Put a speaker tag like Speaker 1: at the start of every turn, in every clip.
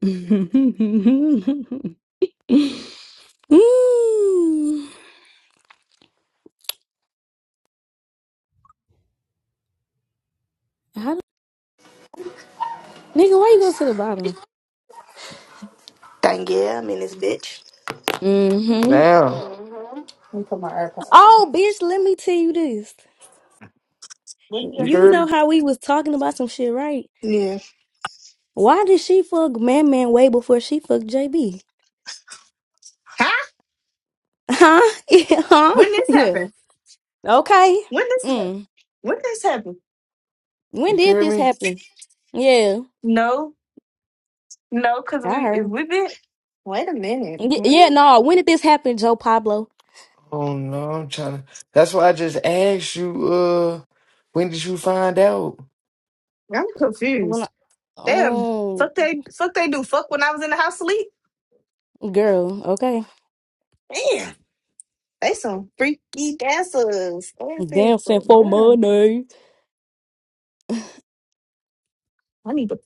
Speaker 1: mm, how do- nigga, why you go to the bottom?
Speaker 2: Dang yeah, i mean this bitch.
Speaker 1: Mm-hmm.
Speaker 3: Now,
Speaker 1: Oh, bitch, let me tell you this.
Speaker 3: you can
Speaker 1: You
Speaker 3: hear
Speaker 1: know
Speaker 3: me?
Speaker 1: how we was talking about some shit, right?
Speaker 2: Yeah.
Speaker 1: Why did she fuck Man Man way before she fucked JB? Huh? Yeah, huh?
Speaker 2: When this
Speaker 1: Yeah.
Speaker 2: happened?
Speaker 1: Okay.
Speaker 2: When this happened?
Speaker 1: Mm.
Speaker 2: When this happened?
Speaker 1: When
Speaker 3: You can
Speaker 1: did
Speaker 3: hear
Speaker 1: this
Speaker 3: me?
Speaker 1: happen? Yeah,
Speaker 2: No, no, because
Speaker 1: I
Speaker 2: we
Speaker 1: heard
Speaker 2: if
Speaker 1: him.
Speaker 2: we been wait a minute.
Speaker 1: Y-
Speaker 2: Hmm?
Speaker 1: Yeah, no, when did this happen, Joe Pablo?
Speaker 3: Oh no, I'm trying to. That's why I just asked you. Uh, when did you find out?
Speaker 2: I'm
Speaker 1: When I-
Speaker 2: confused. Damn.
Speaker 1: oh,
Speaker 2: Fuck they fuck they do. Fuck when I was in the house sleep.
Speaker 1: girl, okay.
Speaker 2: Damn. They some freaky dancers. I ain't saying
Speaker 1: Dancing
Speaker 2: for
Speaker 1: for
Speaker 2: none.
Speaker 1: money.
Speaker 2: I need to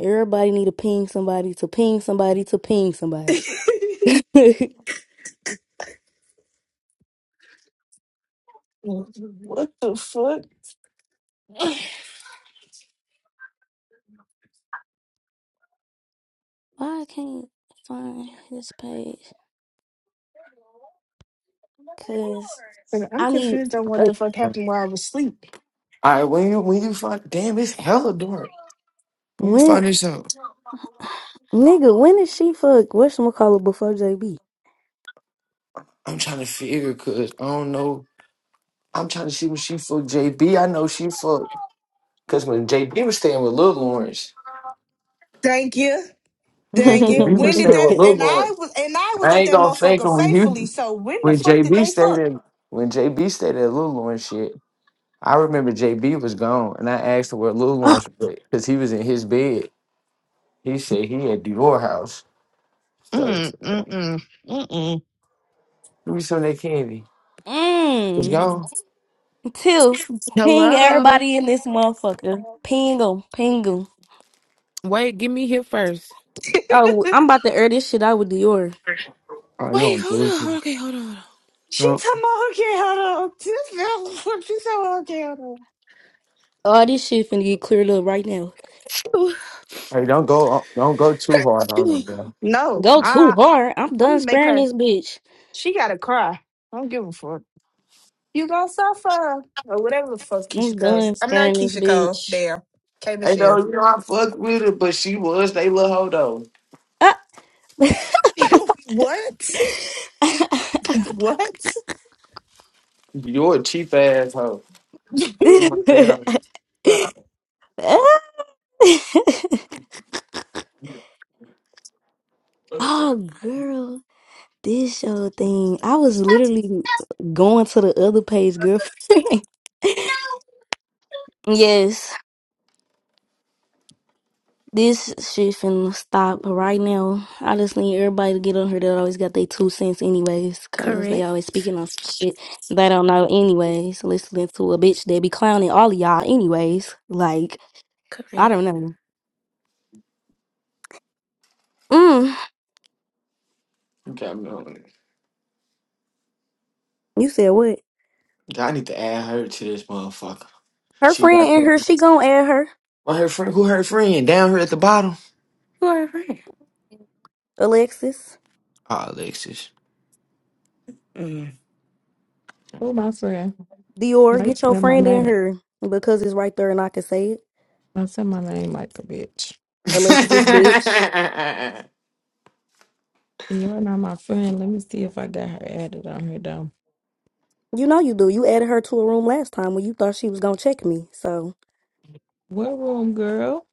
Speaker 1: Everybody need to ping somebody to ping somebody to ping somebody. Why
Speaker 2: What the fuck?
Speaker 1: I can't find his page? Cause
Speaker 2: I'm
Speaker 1: I need
Speaker 2: confused on what
Speaker 1: uh,
Speaker 2: the fuck happened while I was asleep.
Speaker 3: I when you when you find damn, it's hella dark. When you
Speaker 1: when
Speaker 3: find this out,
Speaker 1: nigga when is she fuck what's gonna before JB?
Speaker 3: I'm trying to figure because I don't know. I'm trying to see when she fucked JB. I know she fucked because when JB was staying with Lil Lawrence,
Speaker 2: Thank you.
Speaker 3: when
Speaker 2: Dang it.
Speaker 3: JB
Speaker 2: When
Speaker 3: was
Speaker 2: did
Speaker 3: staying
Speaker 2: that
Speaker 3: with Lil
Speaker 2: and I
Speaker 3: Lawrence,
Speaker 2: was and I was
Speaker 3: I
Speaker 2: at
Speaker 3: ain't
Speaker 2: that
Speaker 3: gonna fake
Speaker 2: motherfucker
Speaker 3: him when
Speaker 2: faithfully,
Speaker 3: you
Speaker 2: so when the
Speaker 3: when
Speaker 2: fuck did
Speaker 3: JB
Speaker 2: they
Speaker 3: stayed
Speaker 2: fuck?
Speaker 3: in when JB stayed at Lil Lawrence shit. I remember JB was gone, and I asked her where Lil
Speaker 1: oh,
Speaker 3: Lawrence was because he was in his bed. He said he at Dior house. So
Speaker 2: Mm
Speaker 3: give
Speaker 2: mm mm mm mm.
Speaker 3: me some of that candy. It's
Speaker 1: mm,
Speaker 3: gone.
Speaker 1: Tiff, ping
Speaker 4: Hello.
Speaker 1: everybody in this motherfucker. Ping 'em, ping 'em.
Speaker 4: Wait, get me here first.
Speaker 1: Oh, I'm about to air this shit out with Dior.
Speaker 3: Oh, you
Speaker 4: Wait,
Speaker 3: don't do it.
Speaker 4: hold on. Okay, hold on.
Speaker 2: She
Speaker 3: No.
Speaker 2: talking about okay, hold on. This girl she said okay, hold on.
Speaker 1: All this shit finna get cleared up right now.
Speaker 4: hold
Speaker 3: Hey, don't go, don't go too hard on her,
Speaker 4: on.
Speaker 3: bro.
Speaker 2: No,
Speaker 1: Go too
Speaker 2: I
Speaker 1: hard. I'm
Speaker 2: I'm
Speaker 1: done
Speaker 2: gonna make
Speaker 1: sparing
Speaker 2: her
Speaker 1: this bitch.
Speaker 2: she gotta cry. I don't give a fuck. You gonna suffer. Or whatever the fuck Keisha
Speaker 1: I'm
Speaker 2: Cole's.
Speaker 1: done
Speaker 2: I'm not
Speaker 1: sparing this
Speaker 2: Keisha Cole.
Speaker 1: bitch.
Speaker 2: Damn. K
Speaker 3: Hey, no,
Speaker 2: Michelle.
Speaker 3: you know I fuck with her, but she was they little hoe though.
Speaker 1: Ah.
Speaker 2: what? what?
Speaker 3: You're a cheap ass hoe. You want to her?
Speaker 2: yeah.
Speaker 3: You
Speaker 1: oh, girl, this show thing. I was literally going to the other page, girl. yes. This shit finna stop right now. I just need everybody to get on here that always got their two cents anyways, cause they
Speaker 5: Correct,
Speaker 1: always speaking on some shit they don't know anyways. Listening to a bitch that be clowning all of y'all anyways. Like, I
Speaker 5: correct.
Speaker 1: don't know. Mm,
Speaker 3: got me on it.
Speaker 1: you said what?
Speaker 3: I need to add her to this motherfucker.
Speaker 1: Her
Speaker 3: She got
Speaker 1: friend in
Speaker 3: her.
Speaker 1: here, she gonna add her.
Speaker 3: Well, her friend, who her friend down here at the bottom?
Speaker 5: You are right.
Speaker 1: Alexis,
Speaker 3: Ah, Alexis.
Speaker 5: Mm.
Speaker 6: Who my friend?
Speaker 1: Dior,
Speaker 6: Mike
Speaker 1: get your
Speaker 6: said my
Speaker 1: friend
Speaker 6: name.
Speaker 1: in here. Because it's right there and I can say it.
Speaker 6: I said my name like a bitch.
Speaker 1: Alexis, bitch.
Speaker 6: You're not my friend. Let me see if I got her added on here though.
Speaker 1: You know you do. You added her to a room last time when you thought she was gonna check me, so.
Speaker 6: What room, girl?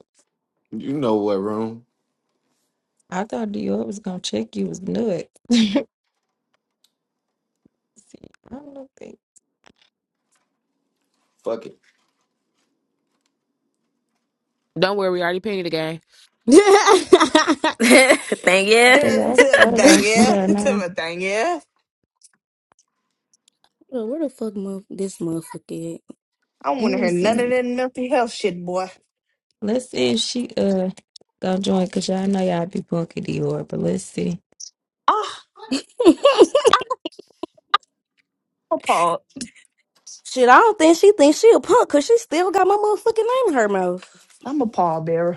Speaker 3: you know what room?
Speaker 6: I thought Dior was gonna check you was nuts. see, I don't think.
Speaker 3: Fuck it.
Speaker 4: Don't worry, we already painted the game.
Speaker 5: Thank you.
Speaker 2: Dang
Speaker 6: Nigga, I
Speaker 2: it.
Speaker 6: started on
Speaker 1: Bro,
Speaker 6: here now.
Speaker 2: Dang yeah.
Speaker 1: where the fuck mo- this motherfucker
Speaker 2: I don't
Speaker 6: Let
Speaker 2: want to
Speaker 6: me
Speaker 2: hear none of
Speaker 6: see.
Speaker 2: that mental health shit, boy.
Speaker 6: Let's see if she uh gonna join cause y'all know y'all be punky Dior, but let's see.
Speaker 2: Ah,
Speaker 1: at?
Speaker 2: I'm appalled.
Speaker 1: Shit, I don't think she thinks she a punk because she still got my motherfucking name in her mouth.
Speaker 2: I'm a pallbearer.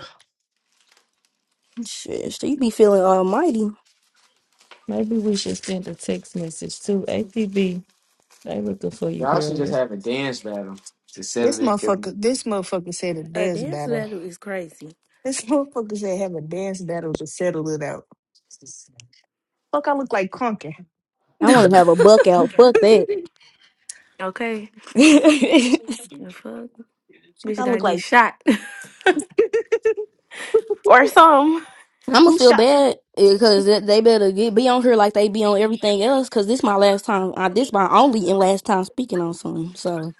Speaker 1: Shit, she be feeling almighty.
Speaker 6: Maybe we should send a text message to APB. They looking for you,
Speaker 3: Y'all should
Speaker 6: girl.
Speaker 3: just have a dance battle to settle
Speaker 2: This
Speaker 3: this shit.
Speaker 2: motherfucker, this motherfucker said a
Speaker 5: A
Speaker 2: dance
Speaker 5: dance
Speaker 2: battle.
Speaker 5: battle is crazy.
Speaker 2: This motherfucker said have a dance battle to settle it out. Fuck, I look like Conker.
Speaker 1: I want to have a buck out. Fuck
Speaker 2: Fuck,
Speaker 1: that.
Speaker 5: okay. The fuck? Bitch
Speaker 2: I
Speaker 5: gotta
Speaker 2: look
Speaker 5: get
Speaker 2: like
Speaker 5: shot. or some.
Speaker 1: I'm gonna
Speaker 2: who
Speaker 1: feel
Speaker 2: shot,
Speaker 1: bad because they better get be on here like they be on everything else. Because this my last time. I, this my only and last time speaking on something. So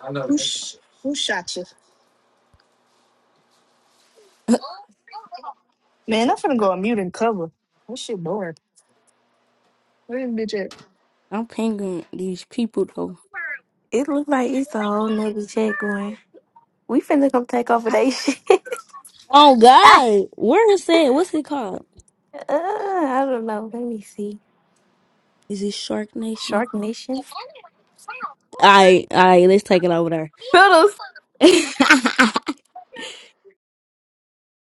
Speaker 3: I know.
Speaker 2: who, sh- who shot you? Man, I'm finna
Speaker 3: that's.
Speaker 2: go on mute and cover. That shit boring. Where this bitch at?
Speaker 1: I'm pinging these people though.
Speaker 5: It look like it's a whole nother check going. We finna come take over
Speaker 1: I-
Speaker 5: they shit.
Speaker 1: oh
Speaker 5: uh,
Speaker 1: God, where is that? What's it called?
Speaker 5: I don't know. Let me see.
Speaker 1: Is it Shark Nation?
Speaker 5: Shark Nation.
Speaker 1: I I let's take it over there.